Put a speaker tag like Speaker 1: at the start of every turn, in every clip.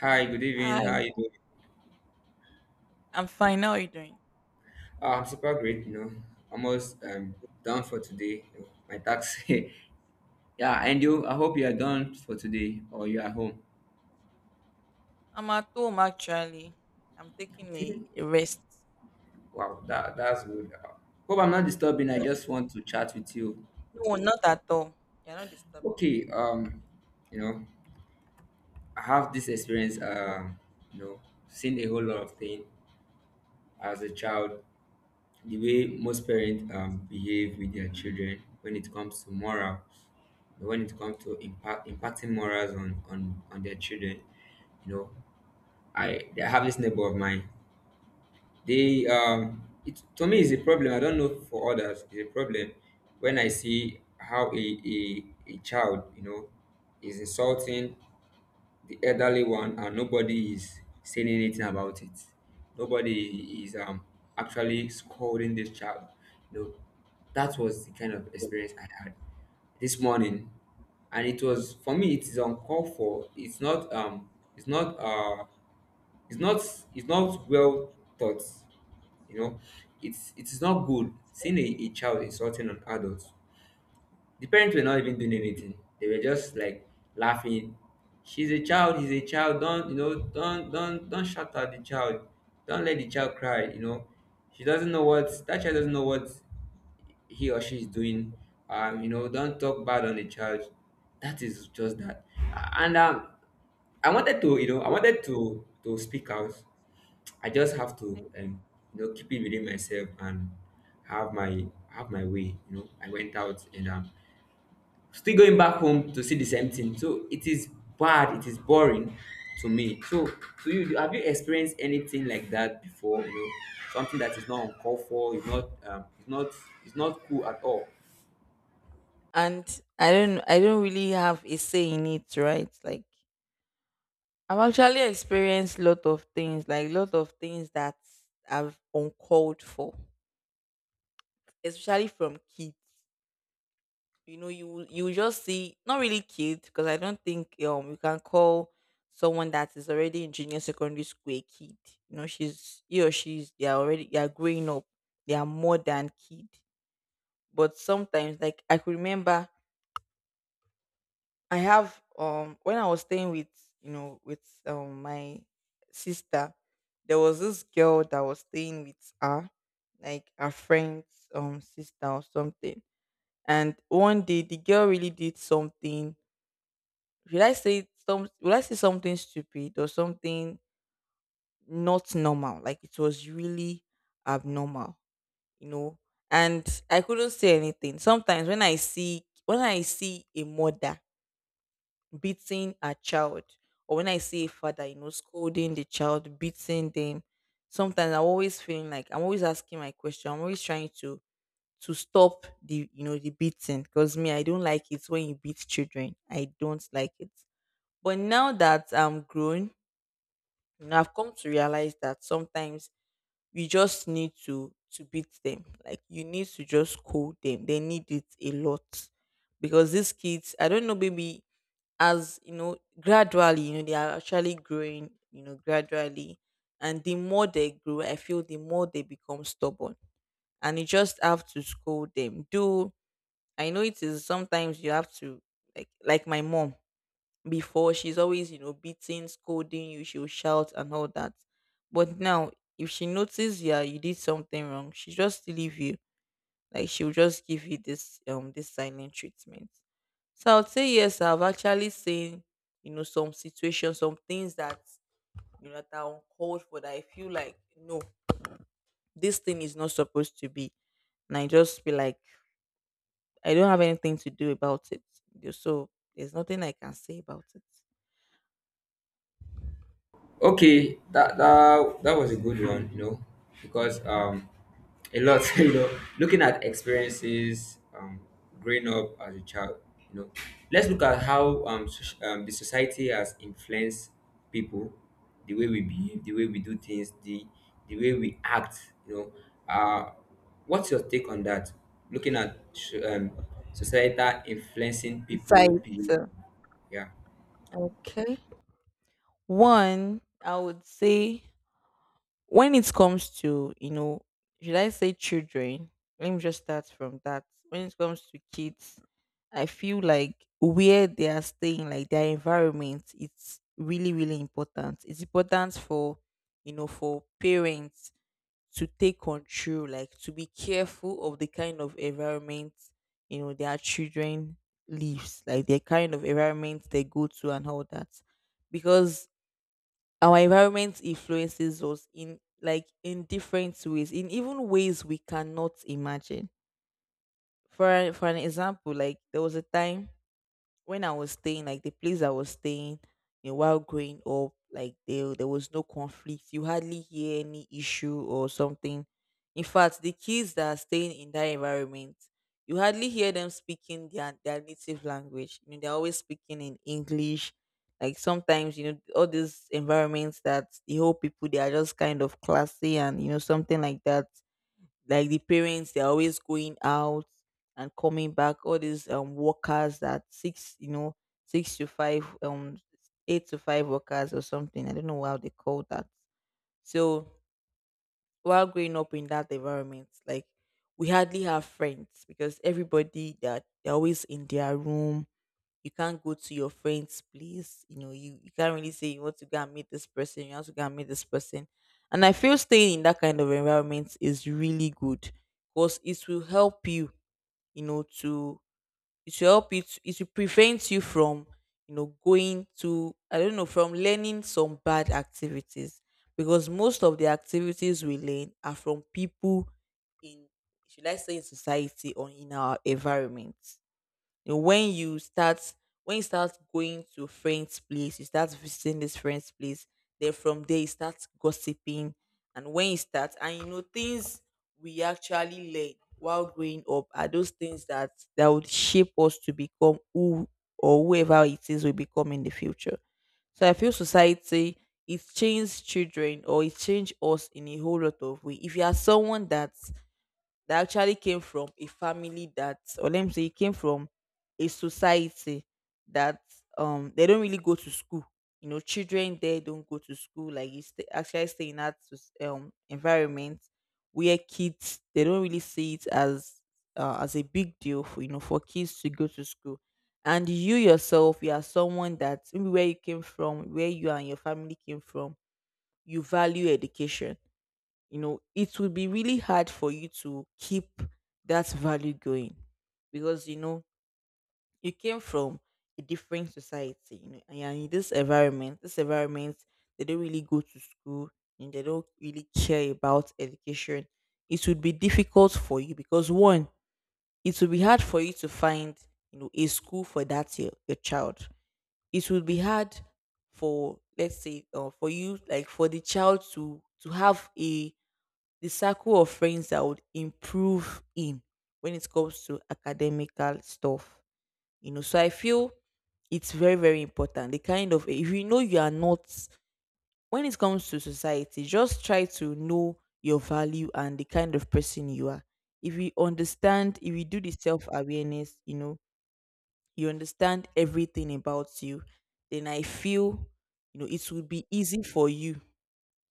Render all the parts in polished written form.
Speaker 1: Hi, good evening.
Speaker 2: Hi,
Speaker 1: How are you doing?
Speaker 2: I'm fine. How are you doing?
Speaker 1: I'm super great, you know. Almost done for today. My tax. Yeah, and you I hope you are done for today or you are home.
Speaker 2: I'm at home actually. I'm taking a,
Speaker 1: Okay.
Speaker 2: a rest.
Speaker 1: Wow, that's good. Hope I'm not disturbing. I just want to chat with you.
Speaker 2: No, not at all. You're not disturbing.
Speaker 1: Okay, you know, I have this experience, you know, seen a whole lot of things as a child, the way most parents behave with their children when it comes to moral. But when it comes to impacting morals on their children, you know, I have this neighbor of mine. They it to me is a problem. I don't know for others. It's a problem when I see how a child, is insulting the elderly one and nobody is saying anything about it. Nobody is actually scolding this child. You know, that was the kind of experience I had this morning. And it was for me it is uncalled for. It's not uh it's not it's not well thought, you know. It is not good seeing a child insulting an adult. The parents were not even doing anything. They were just like laughing. She's a child, he's a child. Don't you know, don't shout at the child. Don't let the child cry, you know. She doesn't know what That child doesn't know what he or she is doing. Don't talk bad on the child. That is just that. And I wanted to, you know, I wanted to speak out. I just have to, you know, keep it within myself and have my way. You know, I went out and still going back home to see the same thing. So it is bad, it is boring to me. So to you, have you experienced anything like that before? You know, something that is not uncalled for, is not cool at all.
Speaker 2: And I don't really have a say in it, right? Like I've actually experienced lot of things, like lot of things that I've uncalled for, especially from kids. You know you just see not really kid because I don't think you can call someone that is already in junior secondary school a kid. You know she's he or she's they are already they are growing up. They are more than kid. But sometimes like I could remember I have when I was staying with you know with my sister, there was this girl that was staying with her, like her friend's sister or something. And one day the girl really did something. Should I say some will I say something stupid or something not normal? Like it was really abnormal, you know? And I couldn't say anything. Sometimes when I see a mother beating a child, or when I see a father, you know, scolding the child, beating them, sometimes I'm always feeling like I'm always asking my question. I'm always trying to stop the you know the beating because me I don't like it when you beat children. I don't like it. But now that I'm grown, you know, I've come to realize that sometimes you just need to beat them. Like you need to just call them. They need it a lot because these kids, I don't know, maybe as you know, gradually, you know, they are actually growing. You know, gradually, and the more they grow, I feel the more they become stubborn, and you just have to scold them. Do I know it is sometimes you have to like my mom, before she's always you know beating scolding you, she'll shout and all that. But now if she notices, yeah, you did something wrong, she just leave you, like she'll just give you this this silent treatment. So I'd say yes, I've actually seen, you know, some situations, some things that, you know, that are uncalled for, that I feel like no, this thing is not supposed to be, and I just feel like I don't have anything to do about it. So there's nothing I can say about it
Speaker 1: Okay, that was a good one, you know, because a lot, you know, looking at experiences growing up as a child, you know, let's look at how the society has influenced people, the way we behave, the way we do things, the way we act, you know. Uh, what's your take on that? Looking at societal influencing people,
Speaker 2: besides
Speaker 1: behavior,
Speaker 2: uh,
Speaker 1: yeah.
Speaker 2: okay. One, I would say when it comes to, you know, should I say children? Let me just start from that. When it comes to kids, I feel like where they are staying, like their environment, it's really, really important. It's important for, you know, for parents to take control, like to be careful of the kind of environment, you know, their children lives, like the kind of environment they go to and all that, because our environment influences us in like in different ways, in even ways we cannot imagine. For an example, like there was a time when I was staying, like the place I was staying, you know, while growing up, like there was no conflict. You hardly hear any issue or something. In fact, the kids that are staying in that environment, you hardly hear them speaking their native language. You know, they're always speaking in English. Like sometimes, you know, all these environments that the whole people they are just kind of classy and you know, something like that, like the parents, they're always going out and coming back, all these workers that six you know six to five eight to five workers or something, I don't know how they call that. So while growing up in that environment, like we hardly have friends because everybody that they're always in their room. You can't go to your friend's place. You know, you can't really say you want to go and meet this person, you want to go and meet this person. And I feel staying in that kind of environment is really good because it will help you, you know, to it will help you to it will prevent you from, you know, going to I don't know, from learning some bad activities. Because most of the activities we learn are from people in, should I say in society or in our environment. You know, when you start going to friends' place, you start visiting this friend's place, then from there you start gossiping. And when you start, and you know, things we actually learn while growing up are those things that would shape us to become who or whoever it is we become in the future. So I feel society, it changed children, or it changed us in a whole lot of way. If you are someone that actually came from a family that, or let me say it came from a society that they don't really go to school, you know, children there don't go to school. Like you stay, actually stay in that environment where kids, they don't really see it as a big deal for, you know, for kids to go to school. And you yourself, you are someone that maybe where you came from, where you and your family came from, you value education. You know, it will be really hard for you to keep that value going because you know you came from a different society, you know, and you're in this environment. This environment, they don't really go to school and they don't really care about education. It would be difficult for you because one, it will be hard for you to find, you know, a school for that your child. It will be hard for, let's say for you, like for the child to have a the circle of friends that I would improve in when it comes to academical stuff. You know, so I feel it's very, very important. The kind of if you know you are not, when it comes to society, just try to know your value and the kind of person you are. If you understand, if you do the self awareness, you know, you understand everything about you, then I feel, you know, it would be easy for you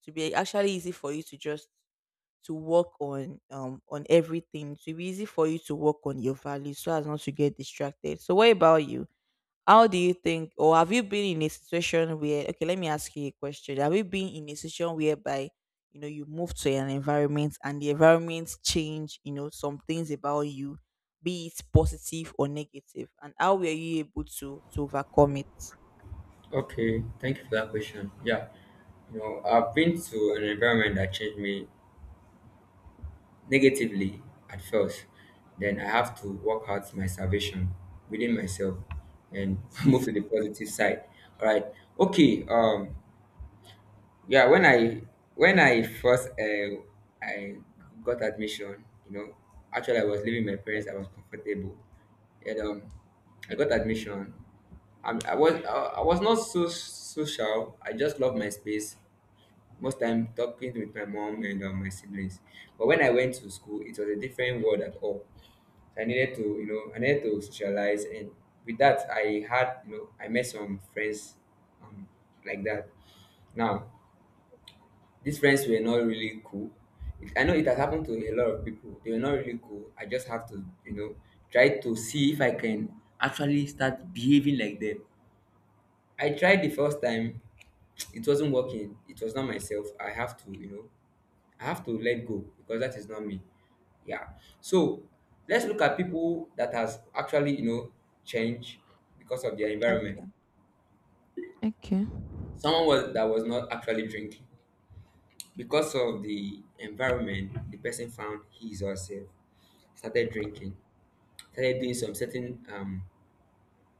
Speaker 2: to be actually easy for you to just to work on everything. It will be easy for you to work on your values so as not to get distracted. So what about you? How do you think, or have you been in a situation where, okay, let me ask you a question. Have you been in a situation whereby you know you move to an environment and the environment change, you know, some things about you, be it positive or negative, and how were you able to overcome it?
Speaker 1: Okay, thank you for that question. Yeah, you know, I've been to an environment that changed me negatively at first. Then I have to work out my salvation within myself and move to the positive side. All right. Okay. Yeah, when I first I got admission, you know, actually I was living with my parents. I was comfortable, and I got admission. I was I was not so social. I just loved my space. Most time talking with my mom and my siblings. But when I went to school, it was a different world at all. So I needed to, you know, I needed to socialize, and with that, I had, you know, I met some friends, um, like that. Now, these friends were not really cool. It, I know it has happened to a lot of people. They were not really cool. I just have to, you know, try to see if I can actually start behaving like them. I tried the first time, it wasn't working. It was not myself. I have to, you know, I have to let go because that is not me. Yeah. So let's look at people that has actually, you know, changed because of their environment.
Speaker 2: Okay. Okay.
Speaker 1: Someone was that was not actually drinking. Because of the environment, the person found his or herself, started drinking, started doing some certain um,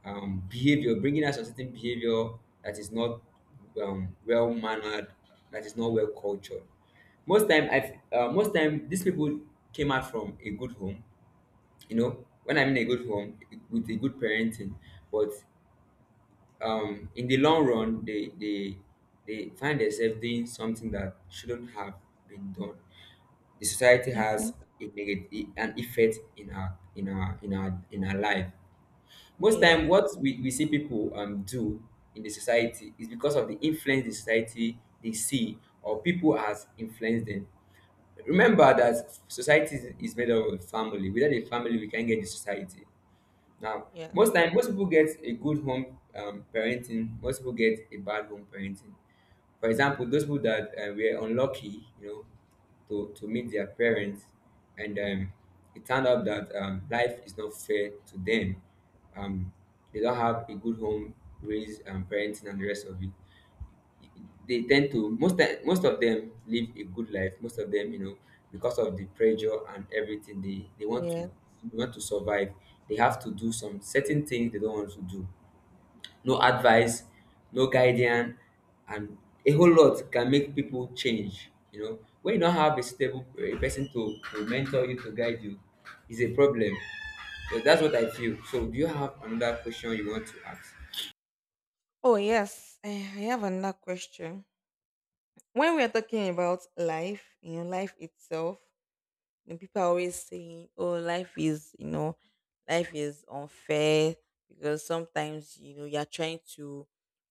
Speaker 1: um, behavior, bringing out some certain behavior that is not well mannered, that is not well cultured. Most time these people came out from a good home. You know, when I mean a good home, with a good parenting, but in the long run, they find themselves doing something that shouldn't have been done. The society
Speaker 2: Okay.
Speaker 1: has a negative an effect in our life. Most time
Speaker 2: Yes.
Speaker 1: what we see people do in the society is because of the influence the society they see or people has influenced them. Remember that society is made up of family. Without a family we can't get the society. Now,
Speaker 2: Yes.
Speaker 1: most time, most people get a good home parenting. Most people get a bad home parenting. For example, those people that were unlucky, you know, to meet their parents, and it turned out that life is not fair to them. Um, they don't have a good home, raise, and parenting, and the rest of it. They tend to most of them live a good life. Most of them, you know, because of the pressure and everything,
Speaker 2: Yeah.
Speaker 1: they want to survive. They have to do some certain things they don't want to do. No advice, no guidance, and a whole lot can make people change. You know, when you don't have a stable a person to mentor you to guide you, is a problem. So that's what I feel. So do you have another question you want to ask?
Speaker 2: Oh yes, eh, I have another question. When we are talking about life, you know, life itself, you know, people are always saying, "Oh, life is, you know, life is unfair," because sometimes you know you are trying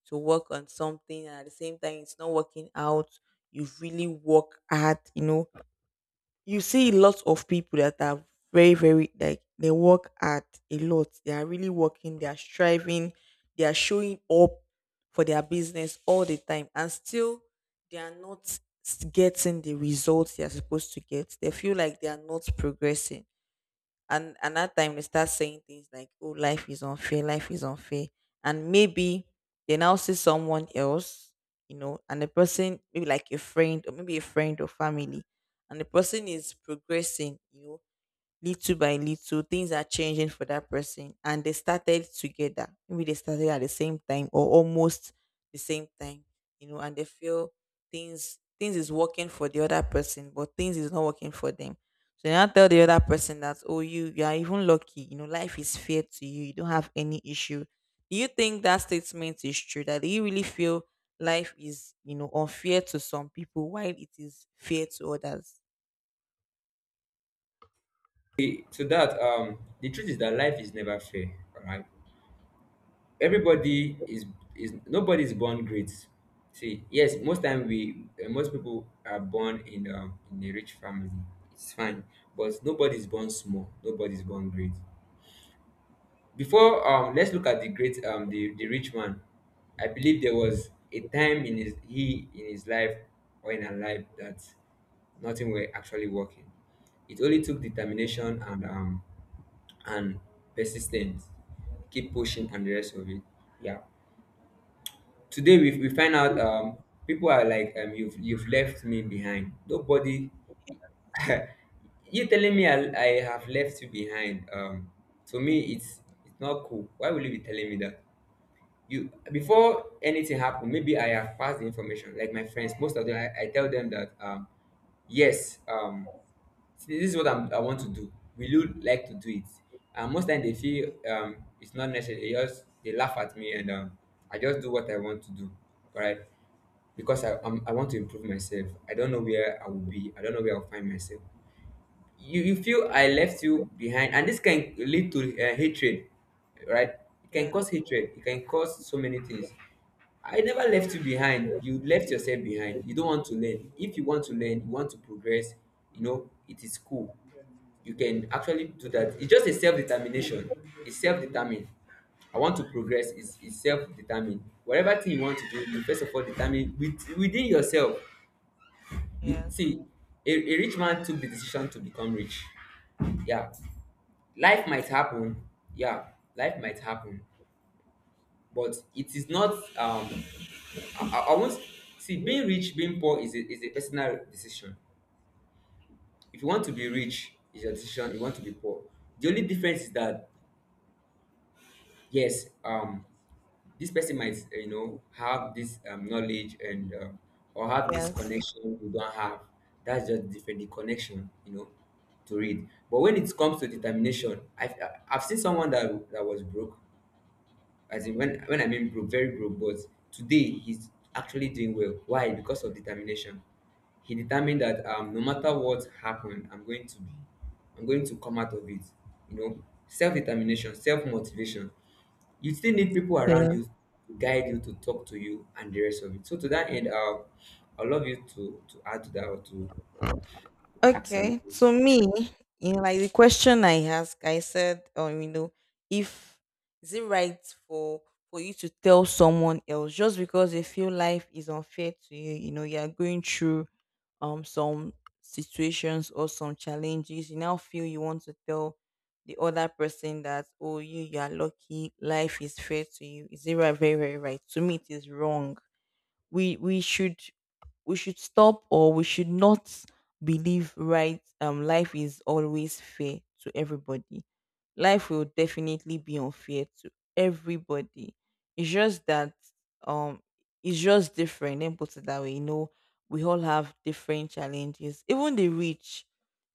Speaker 2: to work on something and at the same time it's not working out. You've really worked hard, you know, you see lots of people that are very very like they work at a lot, they are really working, they are striving, they are showing up for their business all the time, and still they are not getting the results they are supposed to get. They feel like they are not progressing, and that time they start saying things like, "Oh, life is unfair, life is unfair." And maybe they now see someone else, you know, and the person, maybe like a friend, or maybe a friend or family, and the person is progressing, you know, little by little things are changing for that person, and they started together, maybe they started at the same time or almost the same time, you know, and they feel things is working for the other person but things is not working for them. So they now tell the other person that, "Oh, you are even lucky, you know, life is fair to you, you don't have any issue." Do you think that statement is true? That do you really feel life is, you know, unfair to some people while it is fair to others?
Speaker 1: To that, the truth is that life is never fair, all right? everybody is Nobody is born great. See yes, most time we most people are born in a rich family. It's fine. But nobody is born small, nobody is born great. Before let's look at the great the rich man. I believe there was a time in his he in his life or in her life that nothing were actually working. It only took determination and and persistence, keep pushing and the rest of it. Yeah, today we find out people are like you've left me behind nobody. You telling me I have left you behind. To me it's not cool. Why will you be telling me that? You Before anything happen, maybe I have passed the information. Like my friends, most of them I tell them that yes um see, this is what I want to do. Will you like to do it? And most time they feel
Speaker 2: Thank
Speaker 1: it's not necessary. They just they laugh at me and I just do what I want to do. All right, because I want to improve myself. I don't know where I will be. I don't know where I'll find myself. You feel I left you behind, and this can lead to hatred, right? It
Speaker 2: you.
Speaker 1: can
Speaker 2: Yeah.
Speaker 1: cause hatred. It can cause so many things. I never left you behind. You left yourself behind. You don't want to learn. If you want to learn, you want to progress. You know, it is cool. You can actually do that. It's just a self determination. It's self determined. I want to progress is self determined. Whatever thing you want to do, you first of all determine within yourself. You,
Speaker 2: Yes.
Speaker 1: see, a rich man took the decision to become rich. Yeah, life might happen. Yeah, life might happen. But it is not I won't. See, being rich, being poor, is is a personal decision. If you want to be rich is your decision, you want to be poor. The only difference is that yes um this person might you know, have this knowledge and or have this
Speaker 2: Yes.
Speaker 1: connection you don't have. That's just different, the connection, you know, to read. But when it comes to determination, I've seen someone that that was broke. As in when I mean broke, very broke, but today he's actually doing well. Why? Because of determination. He determined that no matter what happened, I'm going to come out of it. You know, self determination, self motivation. You still need people
Speaker 2: Yeah.
Speaker 1: around you to guide you, to talk to you, and the rest of it. So to that end, I'd love you to add to that or to ask another
Speaker 2: Okay. To me,
Speaker 1: question.
Speaker 2: in like the question I asked, I said, you know, if is it right for for you to tell someone else just because they feel life is unfair to you, you know, you are going through some situations or some challenges, you now feel you want to tell the other person that, "Oh, you are lucky, life is fair to you." Is it right, very, very right? To me it is wrong. We should we should stop, or we should not believe, right? Life is always fair to everybody. Life will definitely be unfair to everybody. It's just that um it's just different, and put it that way, you know. We all have different challenges. Even the rich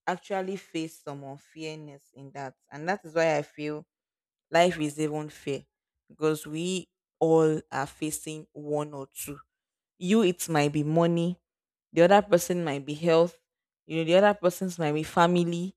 Speaker 2: actually face some unfairness in that, and that is why I feel life is even fair, because we all are facing one or two. You, it might be money. The other person might be health. You know, the other person's might be family.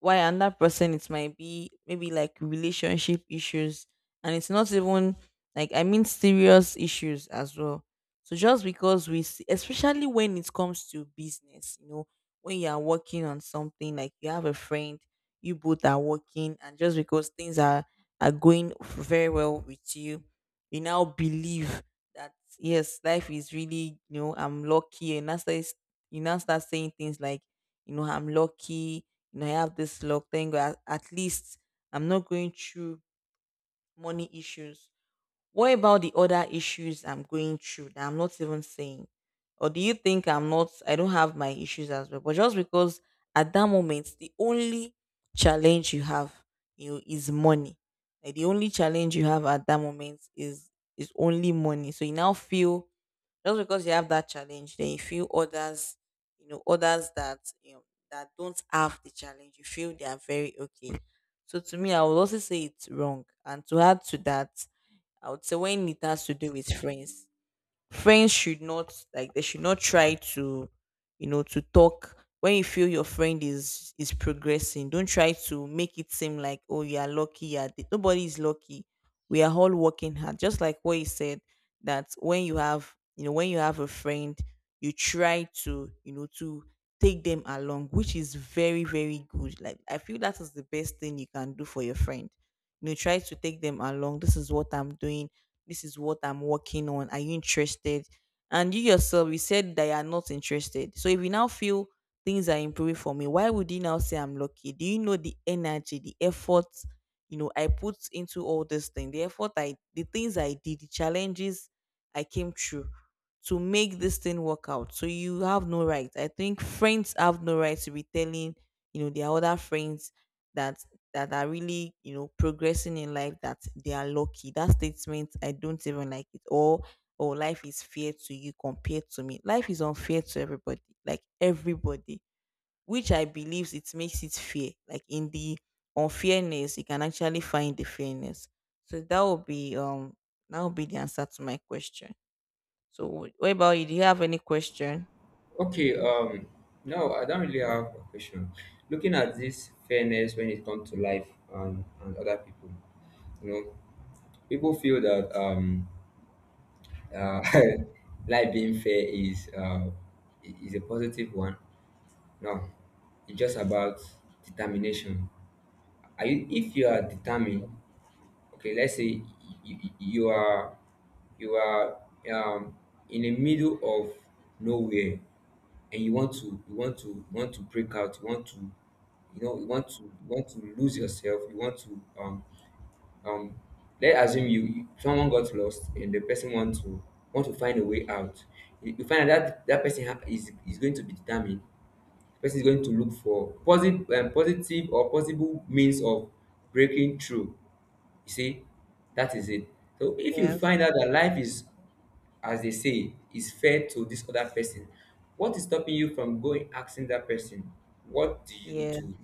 Speaker 2: Why another person, it might be maybe like relationship issues. And it's not even like, I mean, serious issues as well. So just because we, see, especially when it comes to business, you know, when you are working on something, like you have a friend, you both are working, and just because things are going very well with you, you now believe that yes, life is really, you know, I'm lucky. And that's says you now start saying things like, you know, I'm lucky, you know, I have this luck. Thank God at least I'm not going through money issues. What about the other issues I'm going through that I'm not even saying? Or do you think I don't have my issues as well? But just because at that moment the only challenge you have, you know, is money. Like the only challenge you have at that moment is only money. So you now feel, just because you have that challenge, then you feel others, you know, others that you know that don't have the challenge, you feel they are very okay. So to me, I would also say it's wrong. And to add to that, I would say when it has to do with friends, friends should not, like they should not try to, you know, to talk. When you feel your friend is progressing, don't try to make it seem like, oh, you are lucky. Nobody is lucky. We are all working hard. Just like what you said, that when you have, you know, when you have a friend, you try to, you know, to take them along, which is very, very good. Like I feel that is the best thing you can do for your friend. You know, try to take them along. This is what I'm doing, this is what I'm working on. Are you interested? And you yourself, you said that you are not interested. So if you now feel things are improving for me, why would you now say I'm lucky? Do you know the energy, the effort, you know, I put into all this thing, the effort the things I did, the challenges I came through to make this thing work out. So you have no right. I think friends have no right to be telling, you know, their other friends that that are really, you know, progressing in life that they are lucky. That statement, I don't even like it. Or, oh, life is fair to you compared to me. Life is unfair to everybody, like everybody, which I believe it makes it fair. Like in the unfairness, you can actually find the fairness. So that would be the answer to my question. So what about you? Do you have any question?
Speaker 1: Okay, no, I don't really have a question. Looking at this fairness when it comes to life and other people, you know, people feel that uh, life being fair is is a positive one. No, it's just about determination. Are you if you are determined? Okay, let's say you, you are um, in the middle of nowhere and you want to break out. You want to lose yourself. You want to um let's assume someone got lost and the person want to find a way out. You find out that is going to be determined. The person is going to look for positive or possible means of breaking through. You see, that is it. So if you
Speaker 2: Yes.
Speaker 1: find out that life is, as they say, is fair to this other person, what is stopping you from going asking that person, what do you
Speaker 2: Yeah.
Speaker 1: do?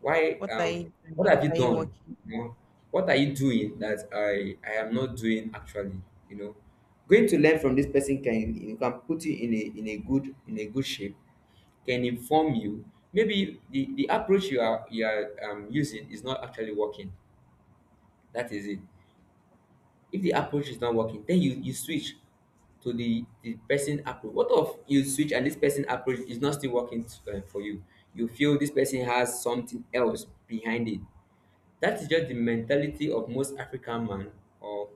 Speaker 1: Why?
Speaker 2: What are you doing?
Speaker 1: What
Speaker 2: What
Speaker 1: have you
Speaker 2: are you
Speaker 1: done?
Speaker 2: working?
Speaker 1: You know, what are you doing that I am not doing actually? You know, going to learn from this person can you can put you in a good shape, can inform you. Maybe the approach you are using is not actually working. That is it. If the approach is not working, then you switch to the person approach. What if you switch and this person approach is not still working to, for you, you feel this person has something else behind it. That is just the mentality of most African man, or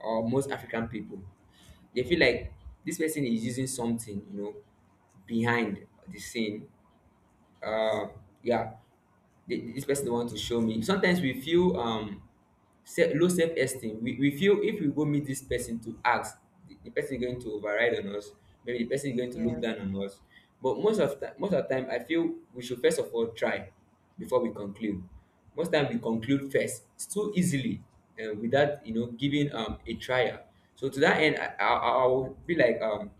Speaker 1: or most African people. They feel like this person is using something, you know, behind the scene. uh, yeah, this person want to show me. Sometimes we feel low self esteem. We feel if we go meet this person to ask, the person is going to override on us. Maybe the person is going to look
Speaker 2: Yeah.
Speaker 1: down on us. But most of the time, I feel we should first of all try before we conclude. Most time we conclude first, it's too easily, without, you know, giving a trial. So to that end, I will be like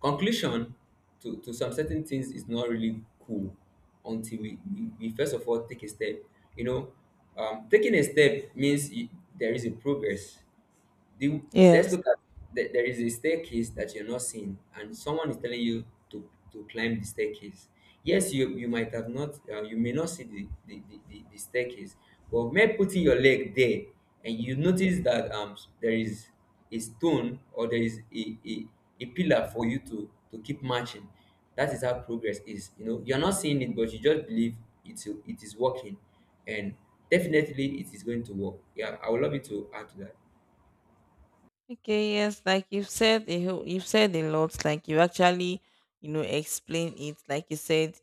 Speaker 1: conclusion to some certain things is not really cool until we first of all take a step, you know. Taking a step means you, there is a progress. the, let's
Speaker 2: Yes.
Speaker 1: look at the, there is a staircase that you're not seeing, and someone is telling you to climb the staircase. Yes, you might have not, you may not see the staircase, but maybe putting your leg there, and you notice that there is a stone or there is a pillar for you to keep marching. That is how progress is. You know, you're not seeing it, but you just believe it is working, and definitely it is going to work. Yeah, I would love you to add to that.
Speaker 2: Okay, yes, like you've said a whole, you've said a lot. Like you actually, you know, explain it. Like you said,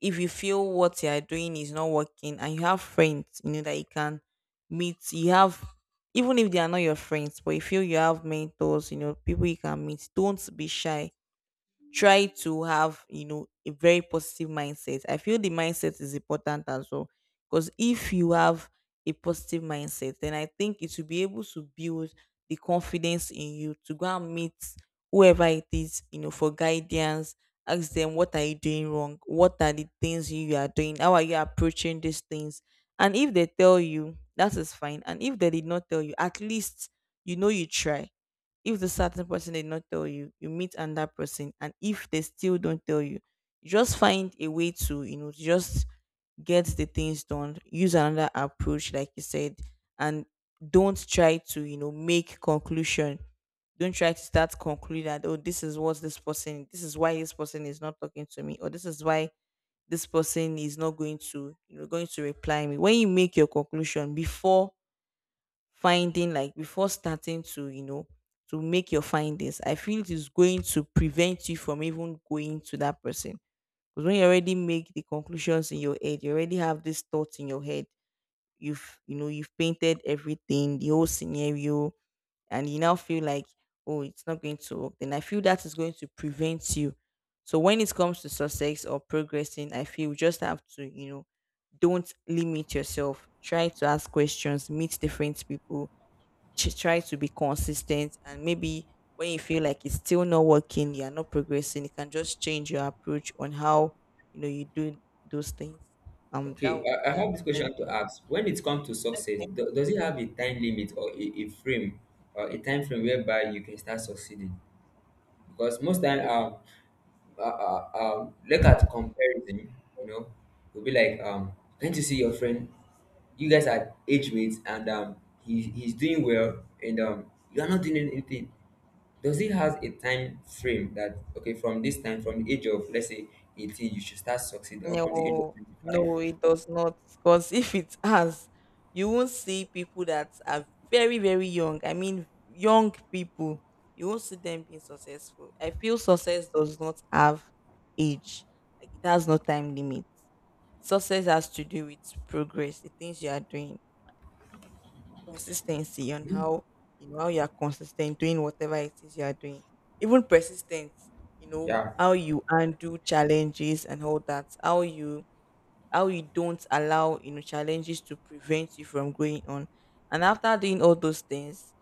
Speaker 2: if you feel what you are doing is not working, and you have friends, you know, that you can meet. You have, even if they are not your friends, but you feel you have mentors, you know, people you can meet. Don't be shy. Try to have, you know, a very positive mindset. I feel the mindset is important as well, because if you have a positive mindset, then I think it will be able to build the confidence in you to go and meet whoever it is, you know, for guidance. Ask them, what are you doing wrong? What are the things you are doing? How are you approaching these things? And if they tell you, that is fine. And if they did not tell you, at least, you know, you try. If the certain person did not tell you, you meet another person, and if they still don't tell you, you just find a way to, you know, just get the things done. Use another approach, like you said, and don't try to, you know, make conclusion. Don't try to start concluding that, oh, this is what this person, this is why this person is not talking to me, or this is why this person is not going to, you know, going to reply me. When you make your conclusion before finding, like before starting to, you know, to make your findings, I feel it is going to prevent you from even going to that person. Because when you already make the conclusions in your head, you already have these thoughts in your head, you've, you know, you've painted everything, the whole scenario, and you now feel like, oh, it's not going to work, then I feel that is going to prevent you. So when it comes to success or progressing, I feel you just have to, you know, don't limit yourself. Try to ask questions, meet different people, try to be consistent, and maybe when you feel like it's still not working, you're not progressing, you can just change your approach on how, you know, you do those things. That
Speaker 1: Okay,
Speaker 2: would be
Speaker 1: I
Speaker 2: that.
Speaker 1: have this
Speaker 2: Thank—
Speaker 1: question to ask. When it comes to success, does it have a time limit or a frame or a time frame whereby you can start succeeding? Because most time, look at comparison. You know, you'll be like, can't you see your friend? You guys are age mates, and he's doing well, and you are not doing anything. Does it has a time frame that okay, from this time, from the age of let's say 18, you should start succeeding, or from the age of
Speaker 2: No, no, it does not, because if it has, you won't see people that are very, very young, I mean, young people. You won't see them being successful. I feel success does not have age. Like it has no time limit. Success has to do with progress, the things you are doing, consistency, and
Speaker 1: 25?
Speaker 2: how, you know, how you are consistent doing whatever it is you are doing. Even persistence, you know,
Speaker 1: Yeah,
Speaker 2: how you undo challenges and all that, how you don't allow, you know, challenges to prevent you from going on. And after doing all those things,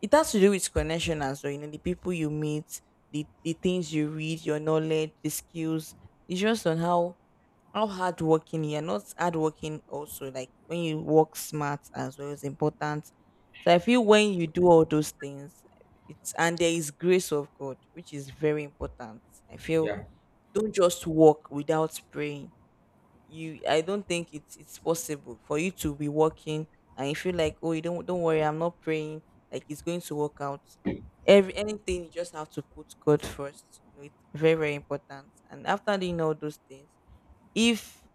Speaker 2: it has to do with connection as well, you know, the people you meet, the things you read, your knowledge, the skills. It's just on how hardworking you're not hardworking, also like when you work smart as well is important. So I feel when you do all those things, it's— and there is grace of God, which is very important, I feel.
Speaker 1: yeah.
Speaker 2: Don't just walk without praying. You I don't think it's possible for you to be working and you feel like, oh, you don't worry, I'm not praying, like it's going to work out. Every anything, you just have to put God first, you know. It's very, very important. And after doing all those things, if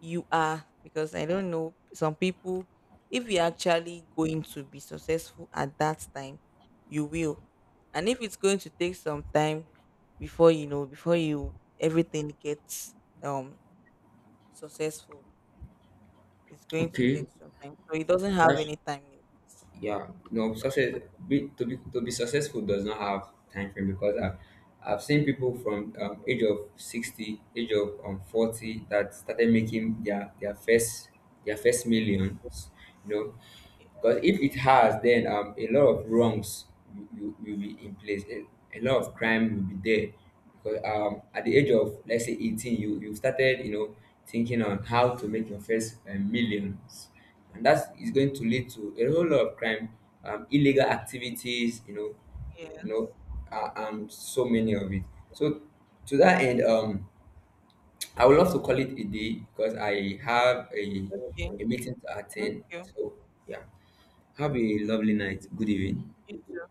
Speaker 2: you are, because I don't know some people, if you're actually going to be successful at that time, you will. And if it's going to take some time before, you know, before you everything gets um successful, it's going to
Speaker 1: Okay,
Speaker 2: get some time. So it doesn't have
Speaker 1: that's
Speaker 2: any time limit.
Speaker 1: yeah. No, success to be successful does not have time frame. Because I've seen people from age of 60, age of 40, that started making their first millions, you know. Because if it has, then a lot of wrongs will will be in place. A lot of crime will be there, because at the age of let's say 18, you started, you know, thinking on how to make your first millions, and that is going to lead to a whole lot of crime, illegal activities,
Speaker 2: Yes.
Speaker 1: you know, so many of it. So to that end, I would love to call it a day because I have
Speaker 2: Okay,
Speaker 1: a meeting to
Speaker 2: thank
Speaker 1: attend.
Speaker 2: you. Okay.
Speaker 1: So yeah, have a lovely
Speaker 2: You.
Speaker 1: night. Good evening.
Speaker 2: You too.